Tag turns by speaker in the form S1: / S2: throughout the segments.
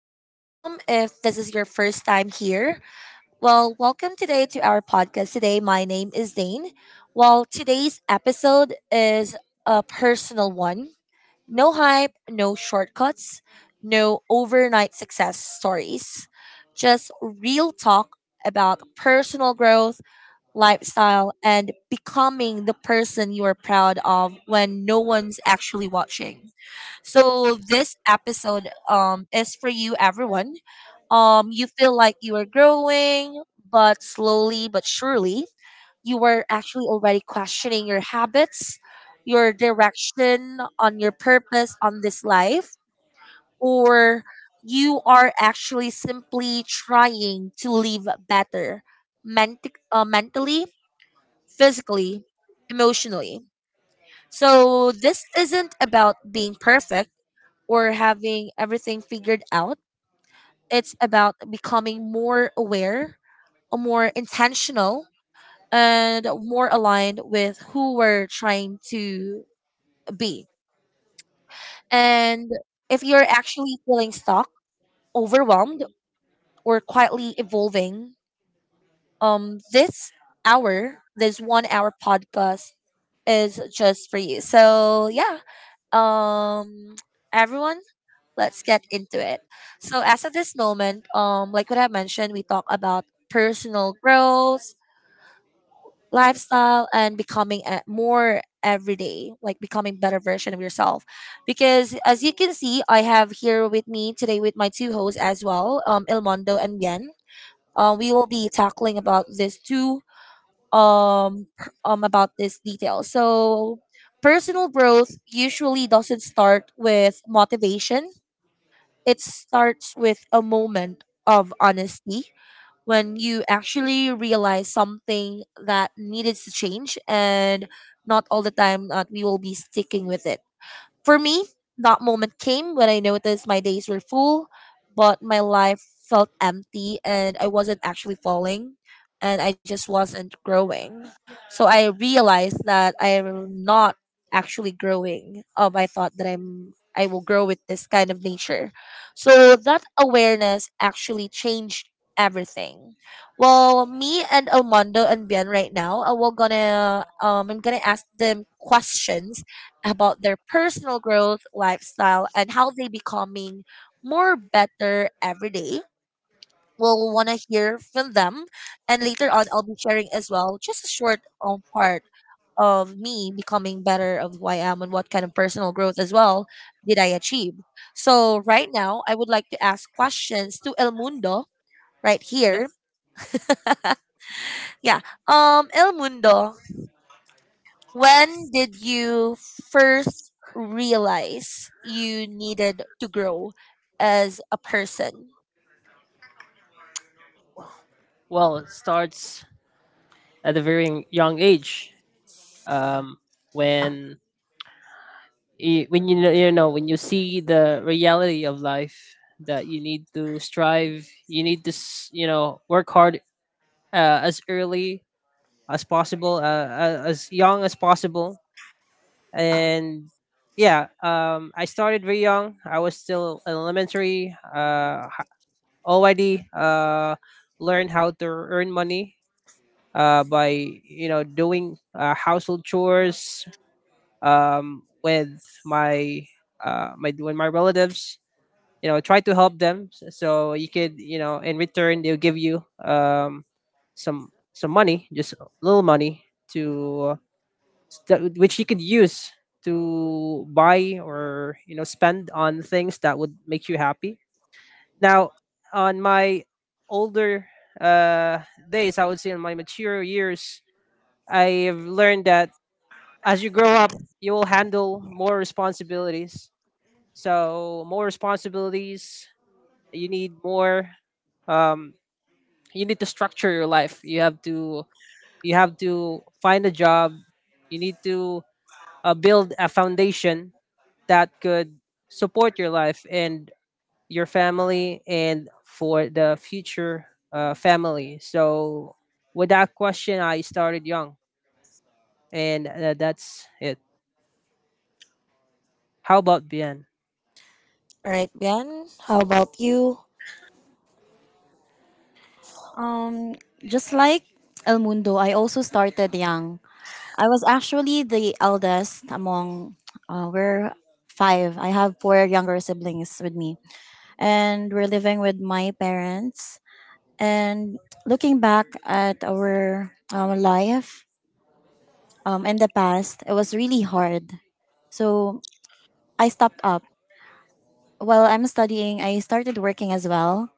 S1: or welcome if this is your first time here. Well, welcome today to our podcast today. My name is Dane. Well, today's episode is a personal one. No hype, no shortcuts, no overnight success stories, just real talk about personal growth, lifestyle, and becoming the person you are proud of when no one's actually watching. So this episode is for you, everyone. You feel like you are growing, but slowly but surely you were actually already questioning your habits, your direction on your purpose on this life, or you are actually simply trying to live better mentally, physically, emotionally. So this isn't about being perfect or having everything figured out. It's about becoming more aware, more intentional, and more aligned with who we're trying to be. And if you're actually feeling stuck, overwhelmed, or quietly evolving, um, this this 1-hour podcast is just for you. So yeah, um everyone, let's get into it. So as of this moment, like what I mentioned, we talk about personal growth, lifestyle, and becoming a more everyday, like, becoming better version of yourself, because as you can see, I have here with me today with my two hosts as well, Ilmondo and Bien. We will be tackling about these two, about this detail. So personal growth usually doesn't start with motivation. It starts with a moment of honesty when you actually realize something that needed to change, and not all the time that we will be sticking with it. For me, that moment came when I noticed my days were full, but my life felt empty and I wasn't actually falling, and I just wasn't growing. So I realized that I'm not actually growing. I thought that I will grow with this kind of nature. So that awareness actually changed everything. Well, me and Almondo and Bien right now, we're gonna I'm gonna ask them questions about their personal growth, lifestyle, and how they becoming more better every day. We'll want to hear from them. And later on, I'll be sharing as well just a short part of me becoming better of who I am and what kind of personal growth as well did I achieve. So right now, I would like to ask questions to El Mundo right here. Yeah. El Mundo, when did you first realize you needed to grow as a person?
S2: Well, it starts at a very young age. Um, when you, when you know when you see the reality of life that you need to strive, you need to you know work hard as early as possible, as young as possible. And yeah, I started very young. I was still in elementary. Already learned how to earn money by you know doing household chores with my my with my relatives you know try to help them so you could you know in return they'll give you some money, just a little money to which you could use to buy or you know spend on things that would make you happy. Now, on my older uh days, I would say in my mature years, I've learned that as you grow up you will handle more responsibilities. So more responsibilities, you need more, um you need to structure your life. You have to you have to find a job. You need to build a foundation that could support your life and your family and for the future family. So with that question, I started young, and that's it. How about Bien?
S1: All right, Bian, how about you?
S3: Um, just like El Mundo, I also started young. I was actually the eldest among, we're five. I have four younger siblings with me, and we're living with my parents. And looking back at our life in the past, it was really hard. So I stopped up. While I'm studying, I started working as well.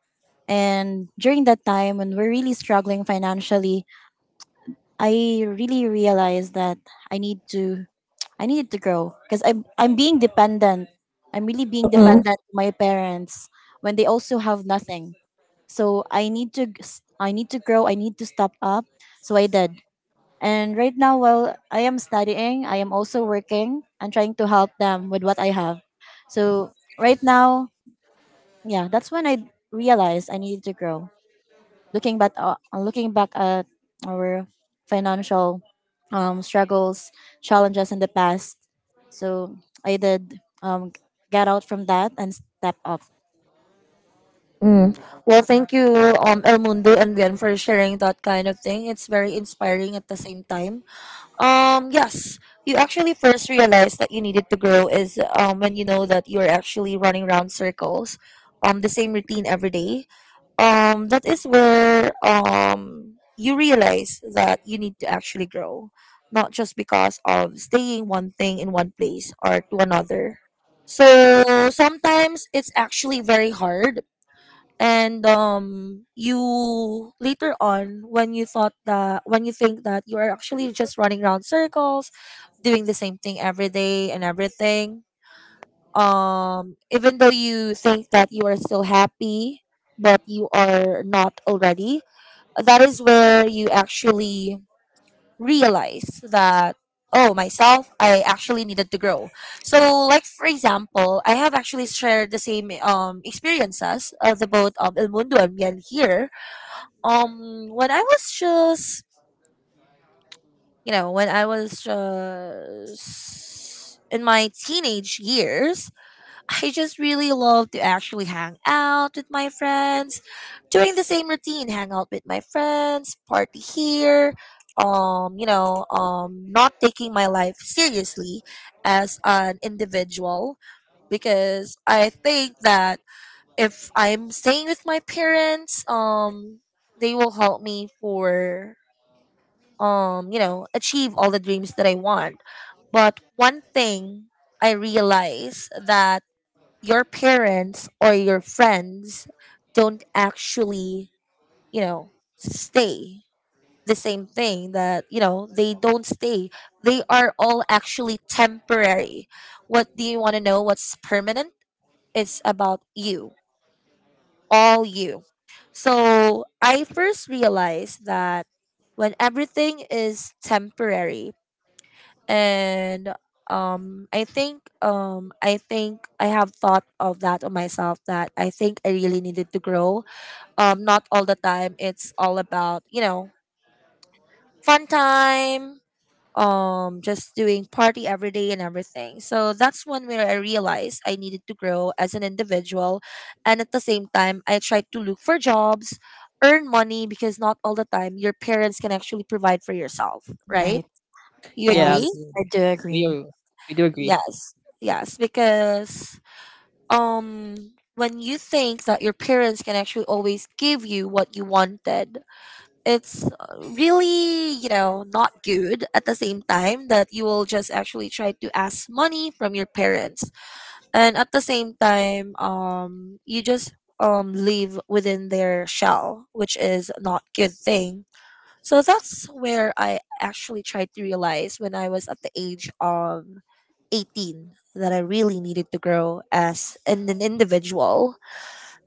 S3: And during that time, when we're really struggling financially, I really realized that I need to I needed to grow because I'm being dependent. I'm really being
S1: Mhm.
S3: dependent on my parents when they also have nothing. So I need to grow. I need to step up. So I did. And right now while I am studying, I am also working and trying to help them with what I have. So right now, yeah, that's when I realized I needed to grow, looking back, looking back at our financial struggles, challenges in the past. So I did, get out from that and step up.
S1: Mm. Well, thank you, El Mundo and Bian, for sharing that kind of thing. It's very inspiring at the same time. Yes, you actually first realize that you needed to grow is, when you know that you're actually running around circles, the same routine every day. That is where, you realize that you need to actually grow, not just because of staying one thing in one place or to another. So sometimes it's actually very hard, and you later on, when you think that you are actually just running around circles doing the same thing every day and everything, even though you think that you are still happy but you are not already, that is where you actually realize that, oh, myself, I actually needed to grow. So, like, for example, I have actually shared the same experiences of the both, El Mundo and Bien here, um when i was just when I was just in my teenage years. I just really love to actually hang out with my friends, doing the same routine, hang out with my friends, party here, not taking my life seriously as an individual, because I think that if I'm staying with my parents, they will help me for, achieve all the dreams that I want. But one thing I realize that your parents or your friends don't actually, stay the same thing that, they don't stay. They are all actually temporary. What do you want to know? What's permanent? It's about you, all you. So I first realized that when everything is temporary, and I think I have thought of that on myself, that I think I really needed to grow. Not all the time it's all about, fun time, just doing party every day and everything. So that's one where I realized I needed to grow as an individual, and at the same time I tried to look for jobs, earn money, because not all the time your parents can actually provide for yourself, right?
S3: Right.
S1: You
S2: Yeah,
S1: agree?
S3: Yes, I
S2: absolutely.
S3: do
S2: we
S3: agree.
S2: are- we do agree.
S1: Yes, yes, because um when you think that your parents can actually always give you what you wanted, it's really, not good at the same time that you will just actually try to ask money from your parents. And at the same time, you just live within their shell, which is not good thing. So that's where I actually tried to realize, when I was at the age of 18, that I really needed to grow as an individual.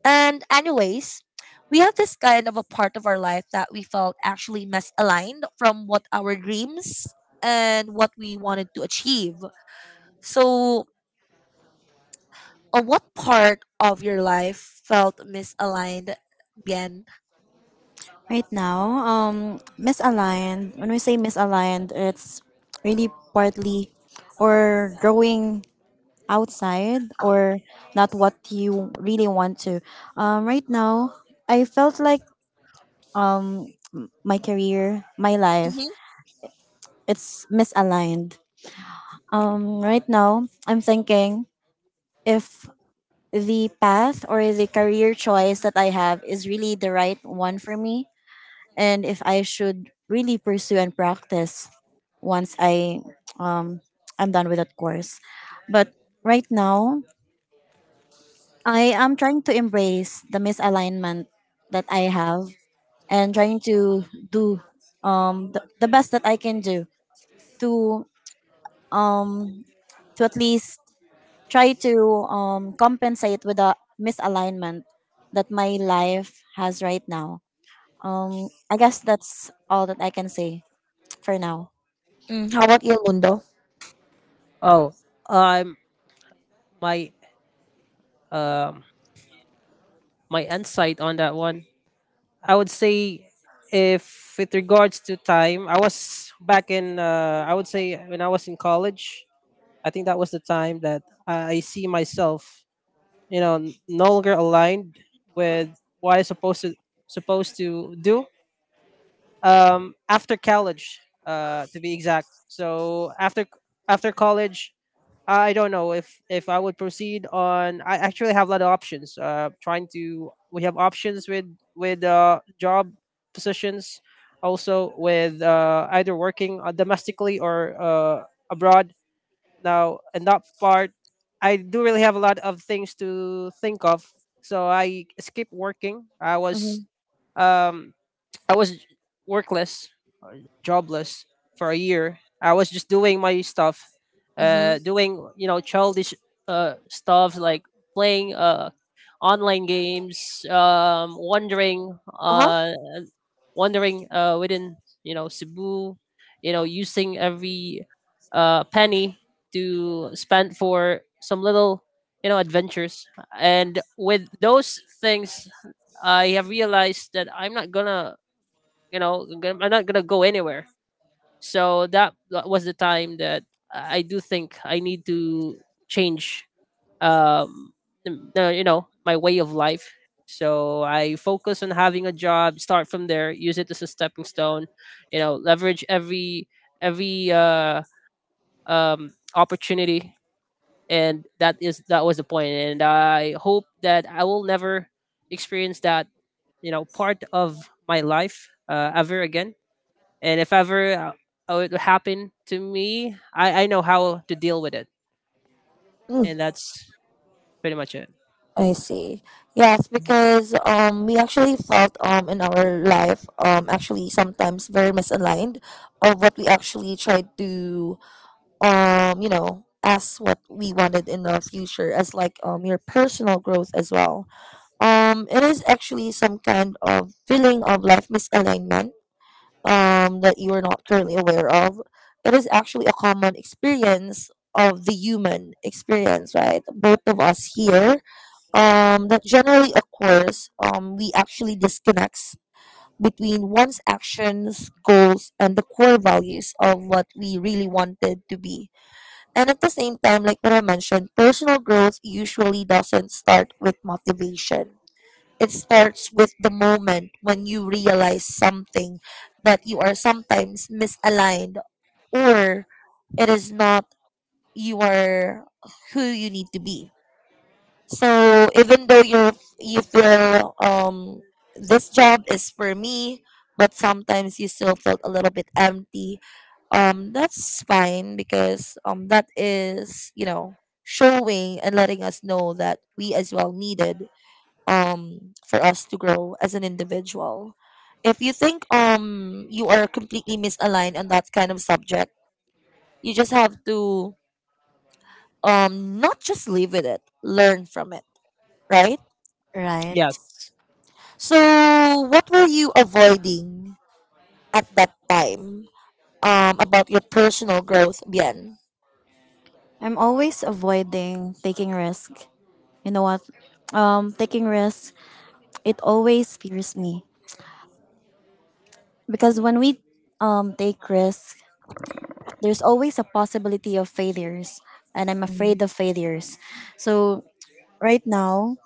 S1: And, anyways, we have this kind of a part of our life that we felt actually misaligned from what our dreams and what we wanted to achieve. So, what part of your life felt misaligned, Bien?
S3: Right now, misaligned. When we say misaligned, it's really partly or growing outside or not what you really want to. Right now, I felt like my career, my life.
S1: Mm-hmm.
S3: It's misaligned. Right now, I'm thinking if the path or the career choice that I have is really the right one for me, and if I should really pursue and practice once um I'm done with that course. But right now, I am trying to embrace the misalignment that I have, and trying to do the best that I can do to, um, to at least try to, compensate with the misalignment that my life has right now. I guess that's all that I can say for now.
S1: Mm, how about you, Mundo?
S2: Oh, um my um my insight on that one, I would say if with regards to time, I was back in I would say when I was in college, I think that was the time that I see myself, you know, no longer aligned with what I supposed to supposed to do after college, to be exact. So after college, I don't know if I would proceed on. I actually have a lot of options. Trying to We have options with with job positions, also with either working domestically or abroad. Now, in that part, I do really have a lot of things to think of. So I skipped working. I was
S1: Mm-hmm.
S2: um I was workless, jobless for a year. I was just doing my stuff,
S1: Mm-hmm.
S2: doing you know childish stuff like playing online games, wandering
S1: Uh-huh.
S2: within you know Cebu, you know using every penny to spend for some little you know adventures. And with those things, I have realized that I'm not gonna, you know, I'm not gonna go anywhere. So that was the time that I do think I need to change, um, you know, my way of life. So I focus on having a job, start from there, use it as a stepping stone, you know, leverage every opportunity, and that was the point. And I hope that I will never experience that, you know, part of my life ever again. And if ever it would happen to me, I know how to deal with it, and that's pretty much it.
S1: I see. Yes, because we actually felt, in our life, actually sometimes very misaligned of what we actually tried to, as what we wanted in our future, as like your personal growth as well. It is actually some kind of feeling of life misalignment that you are not currently aware of. It is actually a common experience of the human experience, right? Both of us here, that generally occurs, we actually disconnects between one's actions, goals, and the core values of what we really wanted to be. And at the same time, like what I mentioned, personal growth usually doesn't start with motivation. It starts with the moment when you realize something, that you are sometimes misaligned, or it is not you, are who you need to be. So even though you feel, this job is for me, but sometimes you still felt a little bit empty. That's fine because that is, showing and letting us know that we as well needed for us to grow as an individual. If you think you are completely misaligned on that kind of subject, you just have to, not just live with it, learn from it, right?
S3: Right.
S2: Yes.
S1: So, what were you avoiding at that time, about your personal growth, Bian?
S3: I'm always avoiding taking risk. You know what? Taking risk, it always fears me because when we take risk, there's always a possibility of failures, and I'm
S1: Mm-hmm.
S3: afraid of failures. So right now,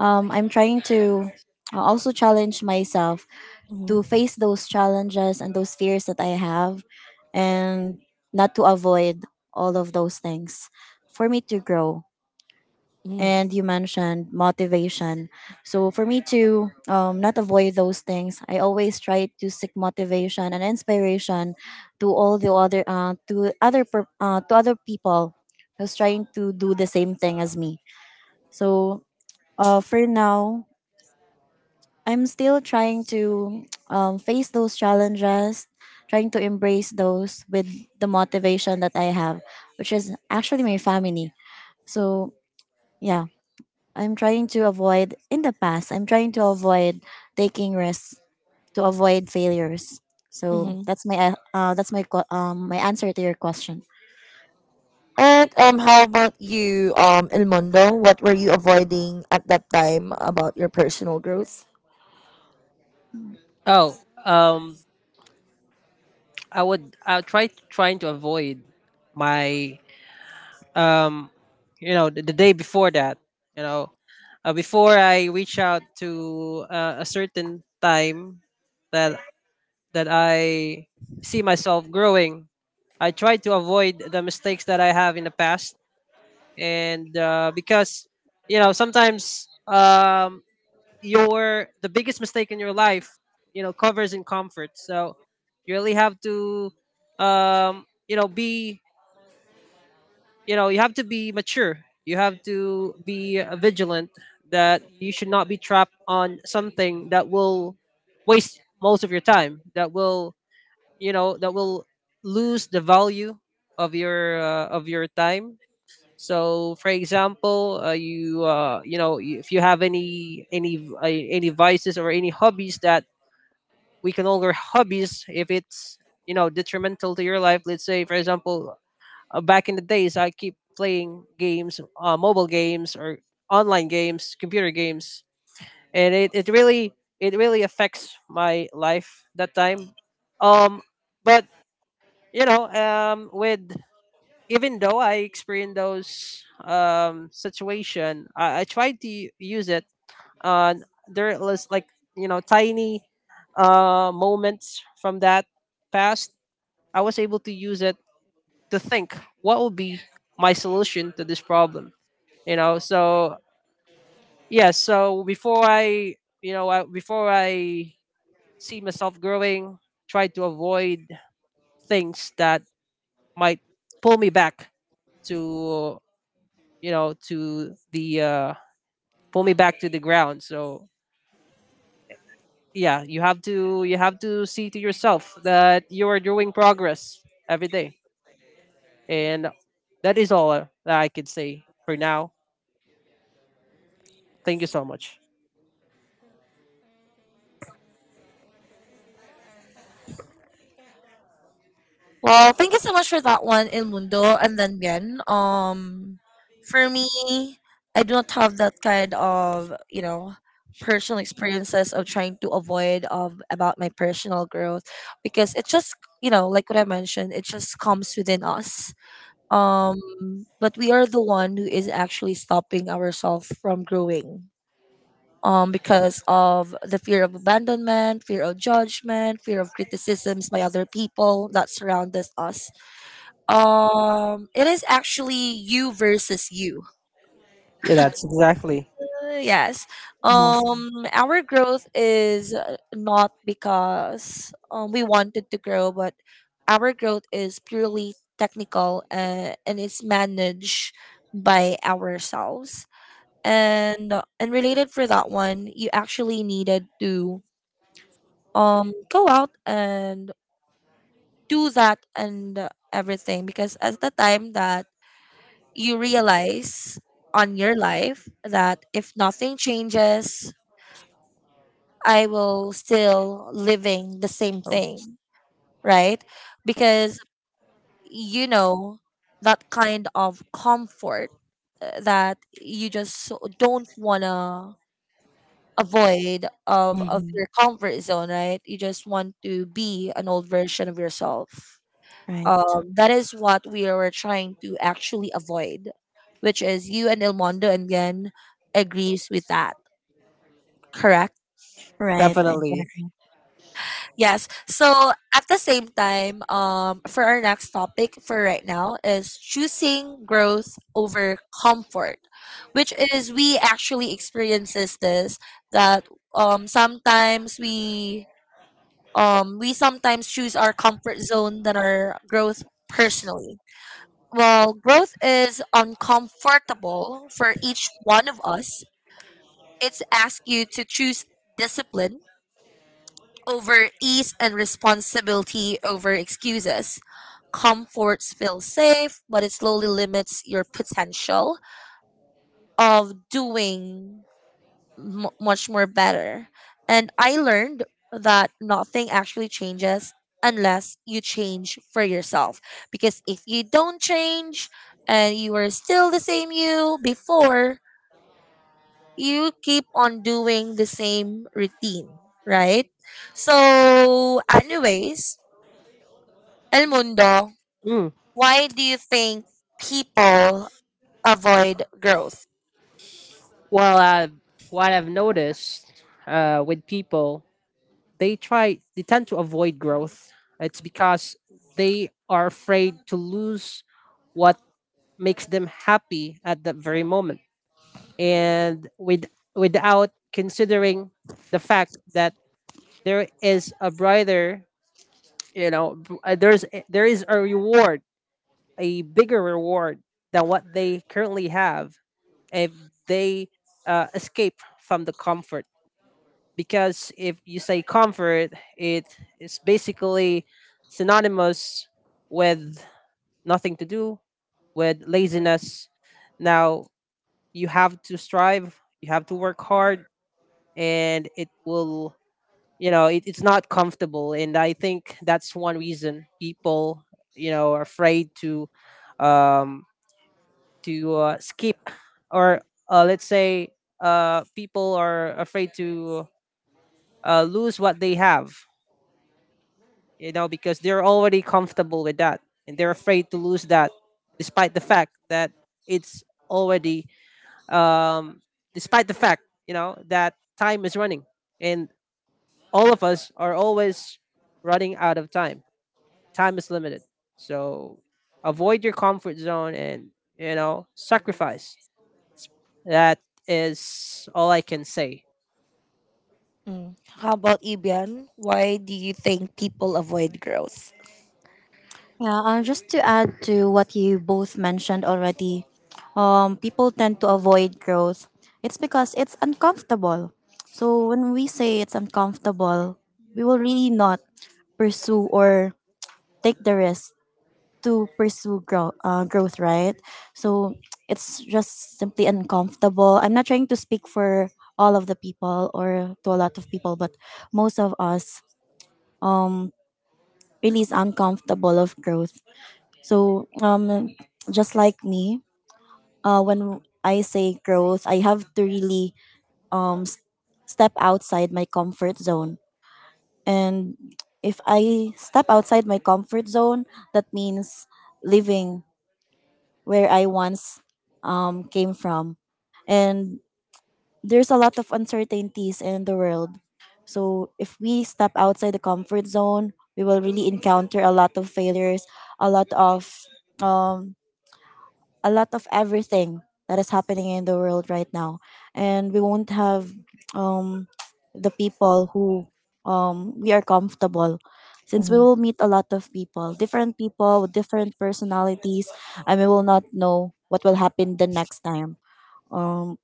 S3: I'm trying to, also challenge myself
S1: Mm-hmm.
S3: to face those challenges and those fears that I have, and not to avoid all of those things for me to grow.
S1: Mm-hmm.
S3: And you mentioned motivation. So, for me to, not avoid those things, I always try to seek motivation and inspiration to to to other people who's trying to do the same thing as me. So, for now, I'm still trying to, face those challenges, trying to embrace those with the motivation that I have, which is actually my family. So, yeah, I'm trying to avoid, in the past, I'm trying to avoid taking risks, to avoid failures. So
S1: Mm-hmm.
S3: that's my answer to your question.
S1: And, how about you, El Mundo? What were you avoiding at that time about your personal growth?
S2: Oh, um I'll trying to avoid my, um you know, the day before that, you know, before I reach out to a certain time that I see myself growing, I try to avoid the mistakes that I have in the past. And because you know sometimes, your the biggest mistake in your life, you know, covers in comfort. So you really have to, you know, be, you know, you have to be mature, you have to be vigilant that you should not be trapped on something that will waste most of your time, that will, you know, that will lose the value of your time. So, for example, you know, if you have any any vices or any hobbies that we can all call hobbies if it's, you know, detrimental to your life. Let's say, for example, back in the days, I keep playing games, mobile games or online games, computer games, and it really affects my life that time. Um, but you know, with even though I experienced those situation, I tried to use it. Uh, there was like, you know, tiny moments from that past. I was able to use it to think what would be my solution to this problem. You know, so yeah. So before I, you know, before I see myself growing, try to avoid things that might pull me back to, you know, to the pull me back to the ground. So yeah, you have to see to yourself that you are doing progress every day, and that is all that I could say for now. Thank you so much.
S1: Well, thank you so much for that one, Il Mundo. And then again, for me, I do not have that kind of, personal experiences of trying to avoid of about my personal growth, because it just, like what I mentioned, it just comes within us. But we are the one who is actually stopping ourselves from growing. Because of the fear of abandonment, fear of judgment, fear of criticisms by other people that surround us, it is actually you versus you.
S2: Yeah, that's exactly.
S1: Yes.
S3: Yes.
S1: Our growth is, not because, we wanted to grow, but our growth is purely technical, and it's managed by ourselves. And related for that one, you actually needed to go out and do that and, everything, because at the time that you realize on your life that if nothing changes, I will still living the same
S2: Oh,
S1: thing, right? Because you know that kind of comfort, that you just don't want to avoid of
S3: Hmm.
S1: your comfort zone, right? You just want to be an old version of yourself.
S3: Right.
S1: That is what we were trying to actually avoid, which is you and El Mondo and Yen agrees with that, correct?
S3: Right.
S2: definitely.
S3: Exactly.
S1: Yes. So at the same time, for our next topic for right now is choosing growth over comfort, which is we actually experiences this, that sometimes we, sometimes choose our comfort zone than our growth personally. Well, growth is uncomfortable for each one of us. It's asked you to choose discipline over ease and responsibility over excuses. Comforts feel safe, but it slowly limits your potential of doing much more better. And I learned that nothing actually changes unless you change for yourself. Because if you don't change and you are still the same you before, you keep on doing the same routine, right? So, El Mundo,
S2: Mm.
S1: why do you think people avoid growth?
S2: Well, what I've noticed with people, they tend to avoid growth. It's because they are afraid to lose what makes them happy at that very moment, and with without considering the fact that there is a brighter, you know, there is a reward, a bigger reward, than what they currently have if they escape from the comfort. Because if you say comfort, it is basically synonymous with nothing to do, with laziness. Now, you have to strive, you have to work hard, and it will, you know, it's not comfortable. And I think that's one reason people, you know, are afraid to, um skip or, let's say, people are afraid to lose what they have, you know, because they're already comfortable with that, and they're afraid to lose that, despite the fact that it's already, um despite the fact, you know, that time is running, and all of us are always running out of time. Time is limited. So avoid your comfort zone and, you know, sacrifice. That is all I can say.
S1: Mm. How about Ibian? Why do you think people avoid growth?
S3: Yeah, just to add to what you both mentioned already, people tend to avoid growth. It's because it's uncomfortable. So when we say it's uncomfortable, we will really not pursue or take the risk to pursue growth, right? So it's just simply uncomfortable. I'm not trying to speak for all of the people or to a lot of people, but most of us, um, really is uncomfortable of growth. So, just like me, when I say growth, I have to really, um, s- step outside my comfort zone. And if I step outside my comfort zone, that means living where I once, came from. And there's a lot of uncertainties in the world. So, if we step outside the comfort zone, we will really encounter a lot of failures, a lot of um, a lot of everything that is happening in the world right now, and we won't have um the people who we are comfortable, since we will meet a lot of people, different people with different personalities, and we will not know what will happen the next time. um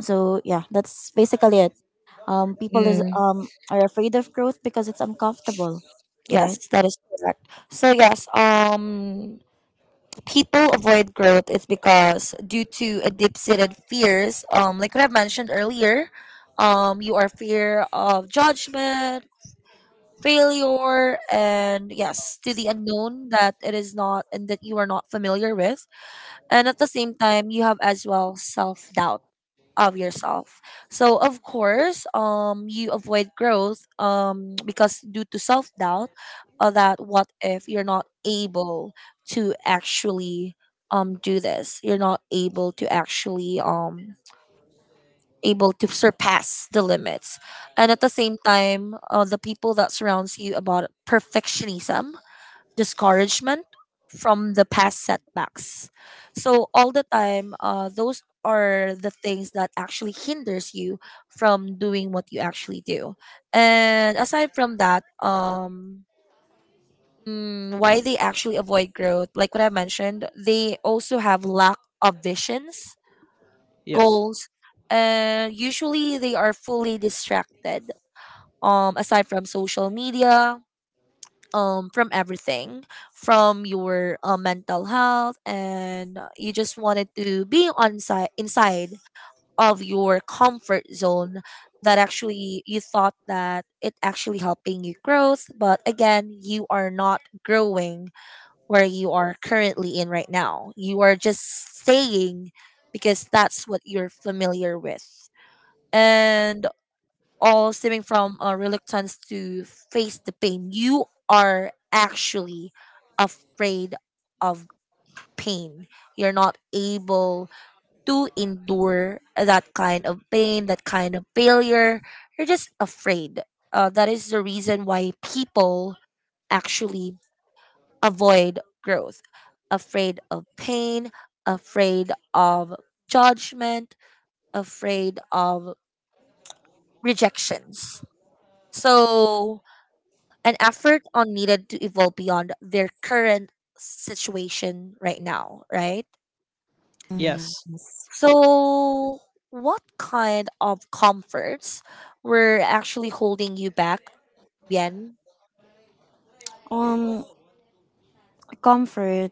S3: so yeah, that's basically it. People is
S1: Mm,
S3: are afraid of growth because it's uncomfortable. Right.
S1: yes, that is correct. So yes, people avoid growth. It's because due to a deep-seated fears. Like what I've mentioned earlier, you are fear of judgment, failure, and yes, to the unknown that it is not and that you are not familiar with, and at the same time, you have as well self-doubt of yourself. So of course, you avoid growth, because due to self doubt, that what if you're not able to actually do this? You're not able to actually able to surpass the limits, and at the same time, the people that surrounds you about perfectionism, discouragement from the past setbacks. So all the time, those are the things that actually hinders you from doing what you actually do. And aside from that, why they actually avoid growth, like what I mentioned, they also have lack of visions,
S2: Yes.
S1: goals, and usually they are fully distracted, aside from social media, from everything, from your mental health, and you just wanted to be on site inside of your comfort zone that actually you thought that it actually helping you growth, but again you are not growing where you are currently in right now. You are just staying because that's what you're familiar with, and all stemming from a reluctance to face the pain. You are actually afraid of pain. You're not able to endure that kind of pain, that kind of failure. You're just afraid. That is the reason why people actually avoid growth, afraid of pain, afraid of judgment, afraid of rejections. So and effort on needed to evolve beyond their current situation right now, right?
S3: Mm-hmm.
S2: Yes.
S1: So, what kind of comforts were actually holding you back, Bien?
S3: um Comfort,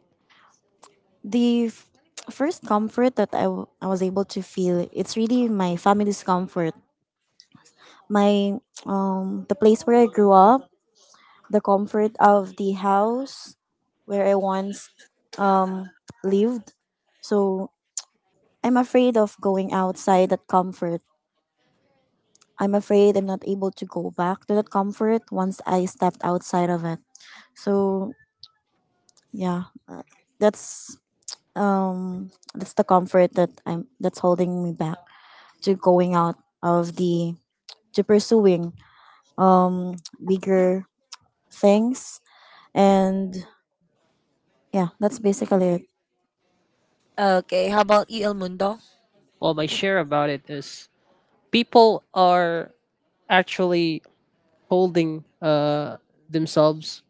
S3: the first comfort that I was able to feel, it's really my family's comfort, my the place where I grew up, the comfort of the house where I once, um lived. So I'm afraid of going outside that comfort. I'm afraid I'm not able to go back to that comfort once I stepped outside of it. So yeah, that's that's the comfort that I'm that's holding me back to going out of the to pursuing um bigger things, and yeah, that's basically it.
S1: Okay, how about you, El Mundo?
S2: Well, my share about it is people are actually holding themselves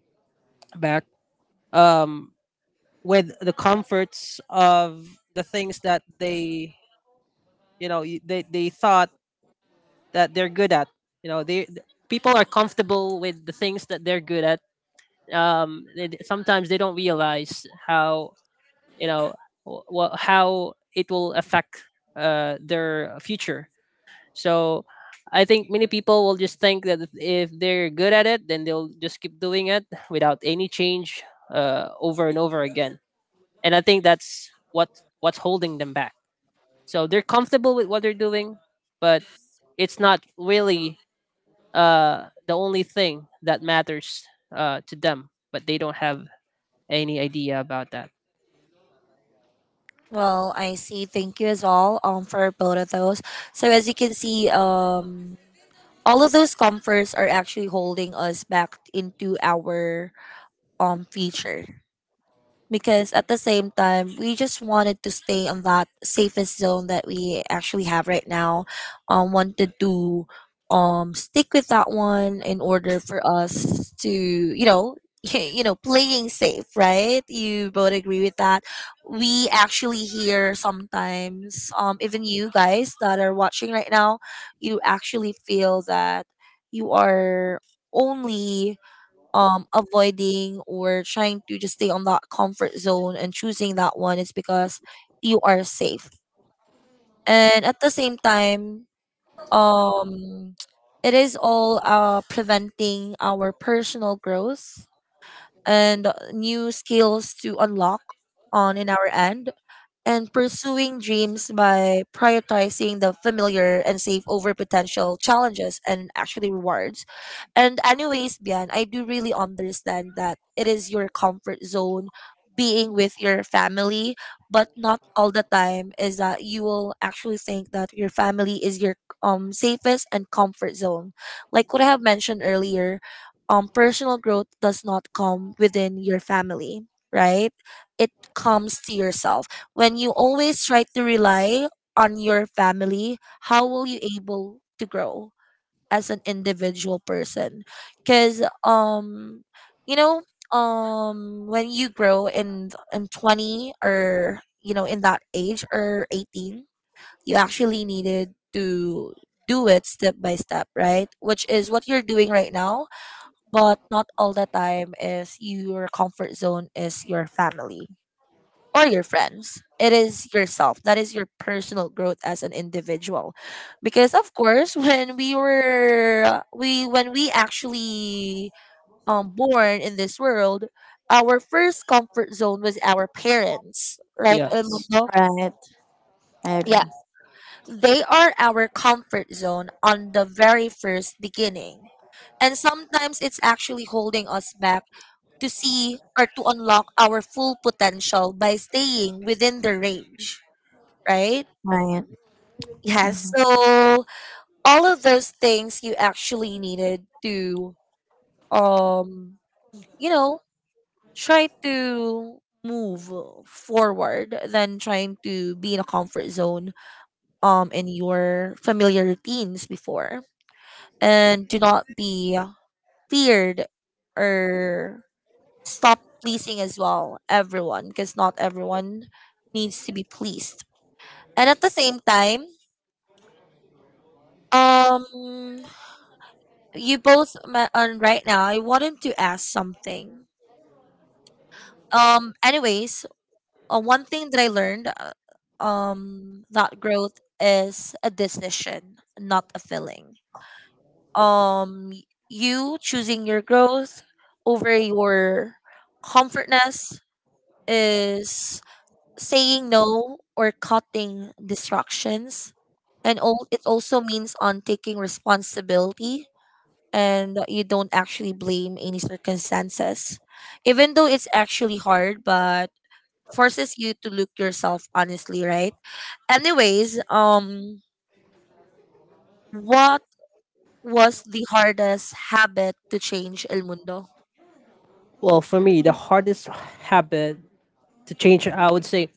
S2: back um, with the comforts of the things that they, you know, they thought that they're good at. You know, people are comfortable with the things that they're good at. Sometimes they don't realize how, you know, how it will affect their future. So I think many people will just think that if they're good at it, then they'll just keep doing it without any change, over and over again. And I think that's what what's holding them back. So they're comfortable with what they're doing, but it's not really the only thing that matters to them, but they don't have any idea about that.
S1: Well, I see. Thank you as all for both of those. So as you can see, all of those comforts are actually holding us back into our future. Because at the same time, we just wanted to stay on that safest zone that we actually have right now, wanted to stick with that one in order for us to, you know, you know, playing safe, right? You both agree with that. We actually hear sometimes, even you guys that are watching right now, you actually feel that you are only avoiding or trying to just stay on that comfort zone, and choosing that one is because you are safe. And at the same time, um it is all preventing our personal growth and new skills to unlock on in our end, and pursuing dreams by prioritizing the familiar and safe over potential challenges and actually rewards. And anyways, Bian, I do really understand that it is your comfort zone being with your family, but not all the time is that you will actually think that your family is your safest and comfort zone. Like what I have mentioned earlier, personal growth does not come within your family, right? It comes to yourself. When you always try to rely on your family, how will you able to grow as an individual person? Cuz you know, when you grow in 20 or you know in that age or 18, you actually needed to do it step by step, right? Which is what you're doing right now, but not all the time is your comfort zone is your family or your friends. It is yourself. That is your personal growth as an individual. Because of course, when we actually born in this world, our first comfort zone was our parents, right? El
S2: Yes.
S1: Mundo.
S3: Right. I agree.
S1: Yeah, they are our comfort zone on the very first beginning. And sometimes it's actually holding us back to see or to unlock our full potential by staying within the range, right?
S3: Right.
S1: Yes. So all of those things, you actually needed to um you know, try to move forward than trying to be in a comfort zone in your familiar routines before, and do not be feared or stop pleasing as well everyone, because not everyone needs to be pleased. And at the same time, um you both met on right now. I wanted to ask something. Anyways, one thing that I learned, that growth is a decision, not a feeling. Um, y- you choosing your growth over your comfortness is saying no or cutting distractions, and all it also means on taking responsibility, and you don't actually blame any circumstances, even though it's actually hard, but forces you to look yourself honestly, right? Anyways, what was the hardest habit to change, El Mundo?
S2: Well, for me, the hardest habit to change, I would say,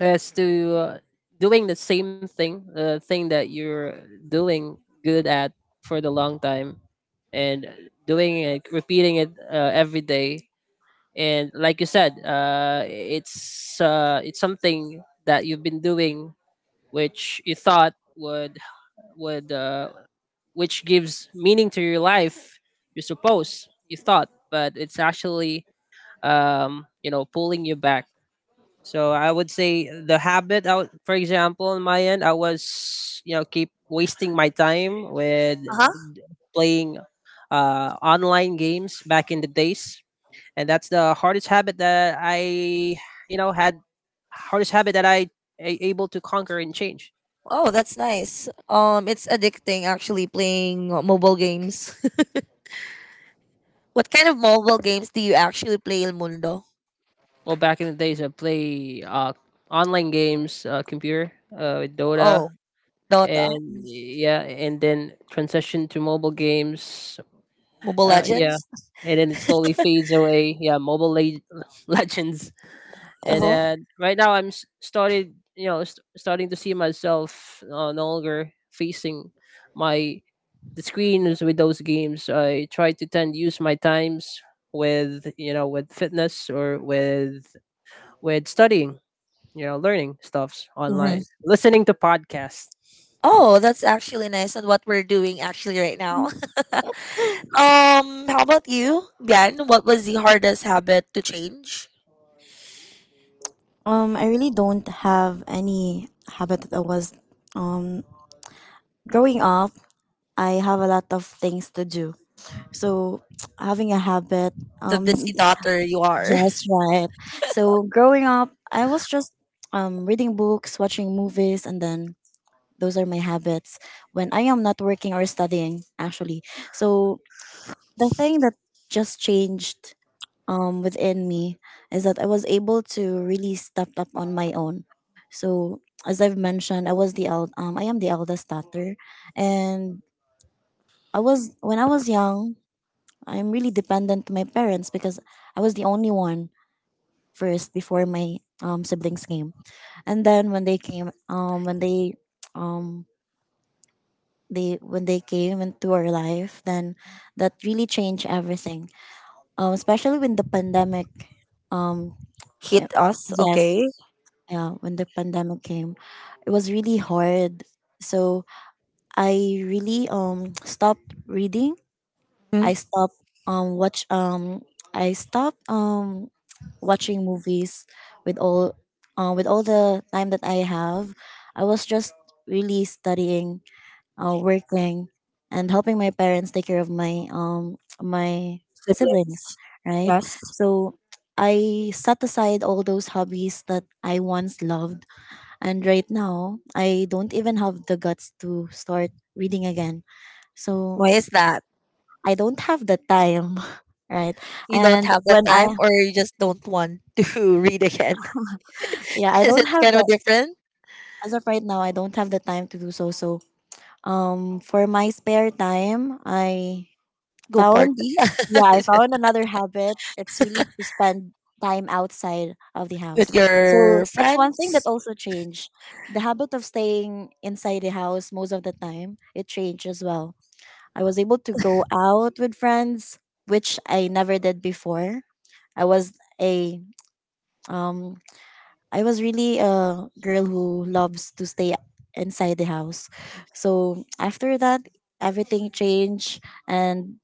S2: is to, doing the same thing, the thing that you're doing good at for the long time, and doing it, repeating it every day. And like you said, it's something that you've been doing which you thought would would uh, which gives meaning to your life, you suppose, you thought, but it's actually, you know, pulling you back. So I would say the habit out, for example, on my end, I was, you know, keep wasting my time with
S1: Uh-huh.
S2: playing online games back in the days. And that's the hardest habit that I, you know, had hardest habit that I able to conquer and change.
S1: Oh, that's nice. It's addicting actually playing mobile games. What kind of mobile games do you actually play, El Mundo?
S2: Well, back in the days, I play online games, computer, with Dota,
S1: Oh, Dota.
S2: and yeah, and then transition to mobile games.
S1: Mobile
S2: Yeah,
S1: Legends.
S2: and then it slowly fades away. Yeah, legends, and
S1: Uh-huh.
S2: then right now I'm started, you know, starting to see myself no longer facing my the screens with those games. I try to tend use my times with, you know, with fitness or with studying, you know, learning stuffs
S1: Hmm.
S2: online, listening to podcasts.
S1: Oh, that's actually nice on what we're doing actually right now. How about you, Bian? What was the hardest habit to change?
S3: I really don't have any habit that I was, um growing up. I have a lot of things to do, so having a habit,
S1: The
S3: um
S1: busy daughter you are.
S3: yes, right. So growing up, I was just reading books, watching movies, and then those are my habits when I am not working or studying, actually. So the thing that just changed, within me, is that I was able to really step up on my own. So as I've mentioned, I am the eldest daughter, and I was when I was young, I'm really dependent to my parents because I was the only one first before my, siblings came, and then um when they came into our life, then that really changed everything, especially when the pandemic um
S1: Hit
S3: uh,
S1: us,
S3: yes.
S1: okay?
S3: Yeah, when the pandemic came, it was really hard. So I really, stopped reading. I
S1: Mm,
S3: um watch um stopped watching movies. With all uh, with all the time that I have, I was just really studying, working, and helping my parents take care of my my
S1: siblings,
S3: siblings. Right.
S1: yes.
S3: So I set aside all those hobbies that I once loved, and right now I don't even have the guts to start reading again. So
S1: Why is that?
S3: I don't have the time. Right.
S1: You don't
S3: and
S1: have the
S3: when i
S1: time, or you just don't want to read again?
S3: yeah, I
S1: Is
S3: don't
S1: it
S3: have
S1: kind of
S3: the,
S1: different?
S3: as of right now, I don't have the time to do so. So for my spare time, I
S1: Go
S3: found,
S1: party
S3: yeah, I found another habit. It's really to spend time outside of the house.
S1: with
S3: So
S1: your
S3: that's one thing that
S1: friends
S3: also changed. The habit of staying inside the house most of the time, it changed as well. I was able to go out with friends, which I never did before. i was a um I was really a girl who loves to stay inside the house. So after that, everything changed, and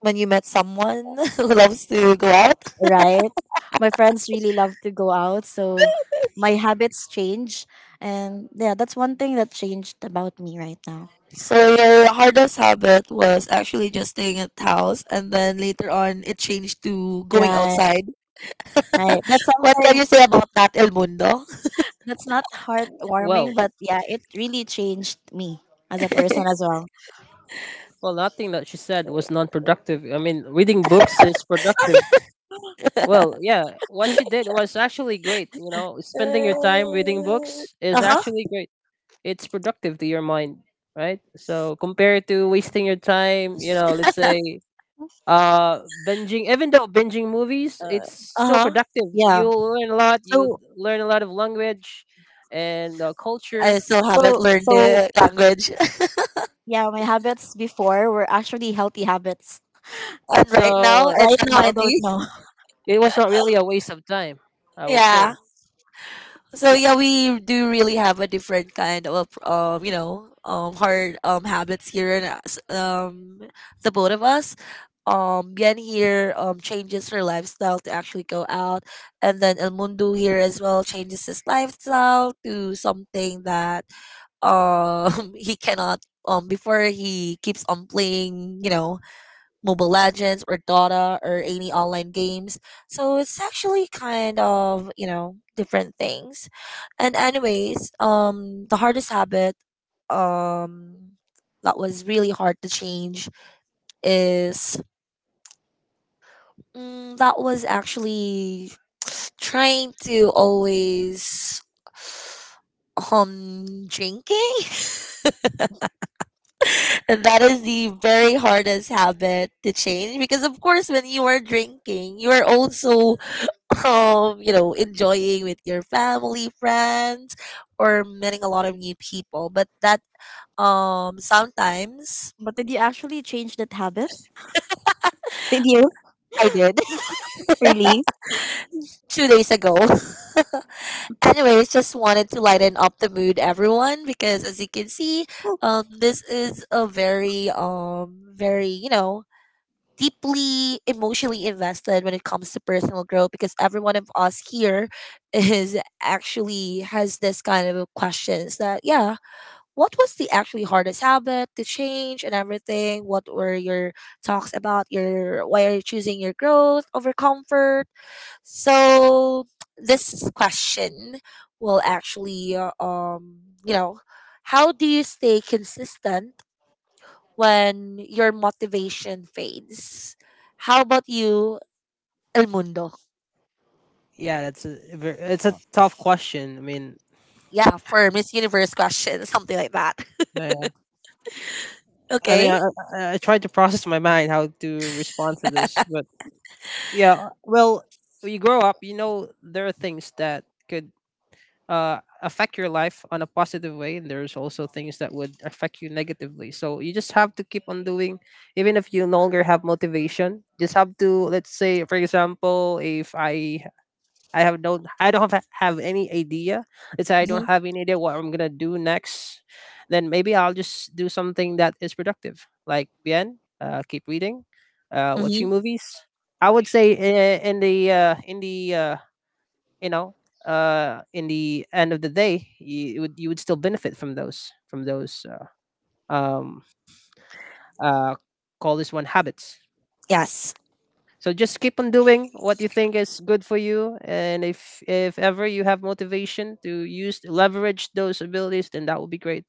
S1: when you met someone who loves to go out.
S3: right, my friends really love to go out, so my habits change, and yeah, that's one thing that changed about me right now.
S1: So your hardest habit was actually just staying at house, and then later on it changed to going
S3: Right,
S1: outside.
S3: right. That's
S1: What can
S3: something
S1: you say about that, El Mundo?
S3: that's not heartwarming,
S2: Well,
S3: but yeah, it really changed me as a person as well.
S2: well, nothing that she said was non-productive. I mean, reading books is productive. Well, yeah, what she did was actually great. You know, spending your time reading books is
S1: Uh huh.
S2: actually great. It's productive to your mind, right? So compared to wasting your time, you know, let's say binging, even though binging movies, it's
S1: Uh
S2: still
S1: huh.
S2: productive.
S3: Yeah.
S2: You'll learn a lot, you'll
S3: So
S2: learn a lot of language and
S1: I
S2: culture.
S1: still haven't
S3: so
S1: learned
S3: so
S1: the language. And
S3: yeah, my habits before were actually healthy habits.
S1: right now,
S2: So
S1: it's
S3: Right now I don't
S1: unhealthy.
S3: know.
S2: it was not really a waste of time, I would say.
S1: Yeah. So
S3: Yeah.
S1: yeah, we do really have a different kind of you know, hard habits here in us, the both of us. Bien here changes her lifestyle to actually go out, and then El Mundo here as well changes his lifestyle to something that he cannot before he keeps on playing, you know, mobile legends or dota or any online games. So it's actually kind of, you know, different things. And anyways, the hardest habit um that was really hard to change is that was actually trying to always drinking. That is the very hardest habit to change, because of course when you are drinking, you are also you know, enjoying with your family, friends, or meeting a lot of new people, but that sometimes
S3: But did you actually change that habit? Did you?
S1: I did.
S3: Really?
S1: 2 days ago. Anyways, just wanted to lighten up the mood, everyone, because as you can see, this is a very very, you know, deeply emotionally invested when it comes to personal growth, because every one of us here is actually has this kind of questions that, yeah, what was the actually hardest habit to change, and everything. What were your talks about? Your why are you choosing your growth over comfort? So this question will actually you know, how do you stay consistent when your motivation fades. How about you, El Mundo?
S2: Yeah, that's a, it's a tough question. I mean,
S1: Yeah, for Miss Universe question, something like that.
S2: yeah. I mean,
S1: Okay.
S2: I tried to process in my mind how to respond to this, but yeah, well, when you grow up, you know, there are things that could affect your life on a positive way, and there's also things that would affect you negatively. So you just have to keep on doing, even if you no longer have motivation. Just have to, let's say, for example, if I have no, I don't have any idea. Let's say I don't
S1: Hmm.
S2: have any idea what I'm gonna do next. Then maybe I'll just do something that is productive, like bien, keep reading, watching
S1: Hmm.
S2: movies. I would say in the you know in the end of the day, you would still benefit from those um, uh, call this one habits.
S1: Yes.
S2: So just keep on doing what you think is good for you, and if ever you have motivation to use leverage those abilities, then that would be great.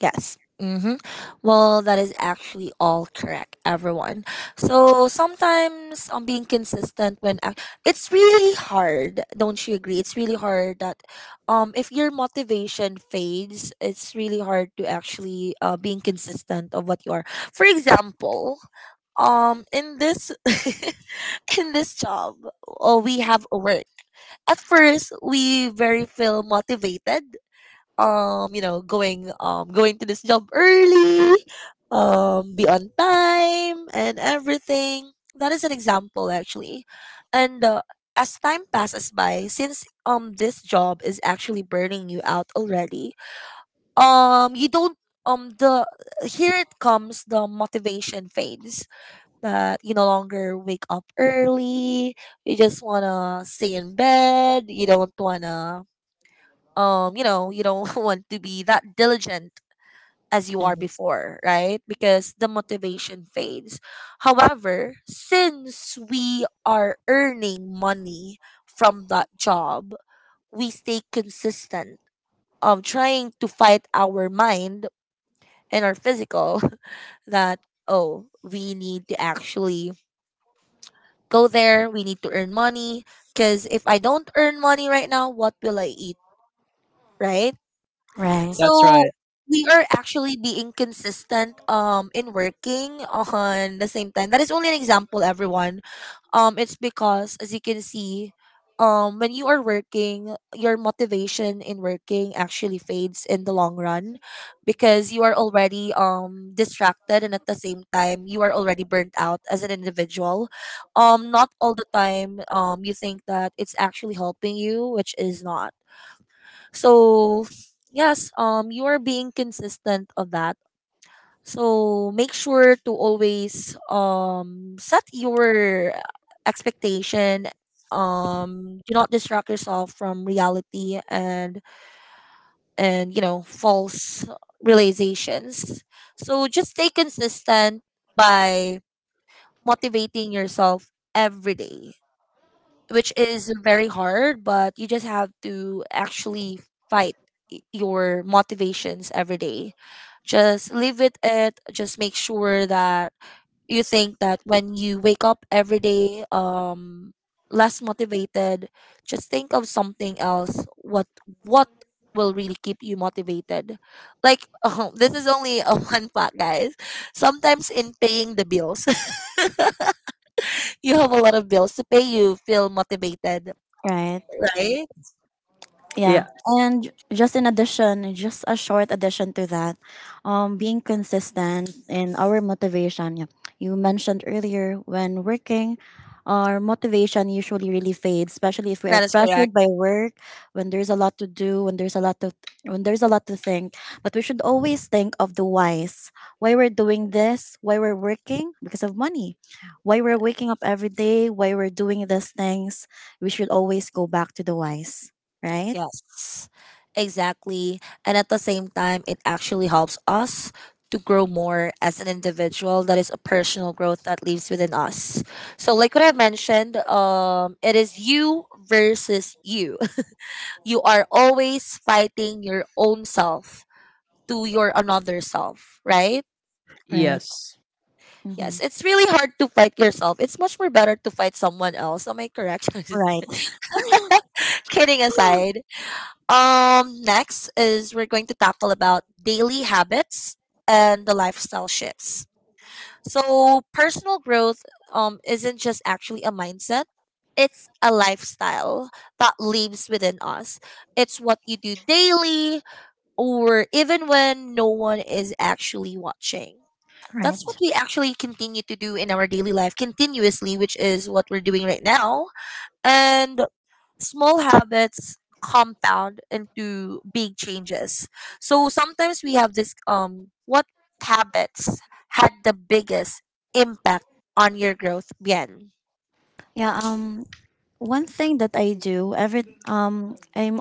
S1: Yes. Hmm. Well, that is actually all correct, everyone. So sometimes on being consistent when it's really hard, don't you agree? It's really hard that if your motivation fades, it's really hard to actually being consistent of what you are. For example, in this in this job, oh, we have a work. At first, we very feel motivated, you know, going going to this job early, be on time and everything. That is an example, actually. And as time passes by, since this job is actually burning you out already, you don't the here it comes, the motivation fades, that you no longer wake up early. You just wanna stay in bed. You don't wanna you know, you don't want to be that diligent as you are before, right? Because the motivation fades. However, since we are earning money from that job, we stay consistent of trying to fight our mind and our physical that oh, we need to actually go there. We need to earn money. Because if I don't earn money right now, what will I eat? Right?
S3: Right.
S2: That's
S1: So
S2: right.
S1: we are actually being consistent in working on the same time. That is only an example, everyone. It's because as you can see, when you are working, your motivation in working actually fades in the long run, because you are already distracted, and at the same time you are already burnt out as an individual. Not all the time you think that it's actually helping you, which is not. So, yes, you are being consistent on that. So, make sure to always set your expectation, do not distract yourself from reality and false realizations, so just stay consistent by motivating yourself every day, which is very hard, but you just have to actually fight your motivations every day. Just leave it at just make sure that you think that when you wake up every day, less motivated, just think of something else. What will really keep you motivated? Like oh, this is only a one fact, guys. Sometimes in paying the bills, you have a lot of bills to pay, you feel motivated,
S3: Right.
S1: right?
S2: Yeah.
S3: Yeah. And just a short addition to that, being consistent in our motivation. Yeah. You mentioned earlier, when working, our motivation usually really fades, especially if we are
S1: That is
S3: pressured
S1: correct.
S3: by work, when there's a lot to do, when there's a lot to think. But we should always think of the whys. Why we're doing this, why we're working, because of money. Why we're waking up every day, why we're doing these things. We should always go back to the whys, right?
S1: Yes, exactly. And at the same time, it actually helps us to grow more as an individual. That is a personal growth that lives within us. So, like what I mentioned, it is you versus you. You are always fighting your own self to your another self, right?
S3: Right.
S2: Yes.
S3: Hmm.
S1: Yes, it's really hard to fight yourself. It's much more better to fight someone else. Am I correct? Just
S3: Right.
S1: kidding aside. Next is we're going to tackle about daily habits and the lifestyle shifts. So personal growth isn't just actually a mindset. It's a lifestyle that lives within us. It's what you do daily or even when no one is actually watching. That's what
S3: Right.
S1: we actually continue to do in our daily life continuously, which is what we're doing right now. And small habits compound into big changes. So sometimes we have this what habits had the biggest impact on your growth, Bien?
S3: Yeah. One thing that I do every. I'm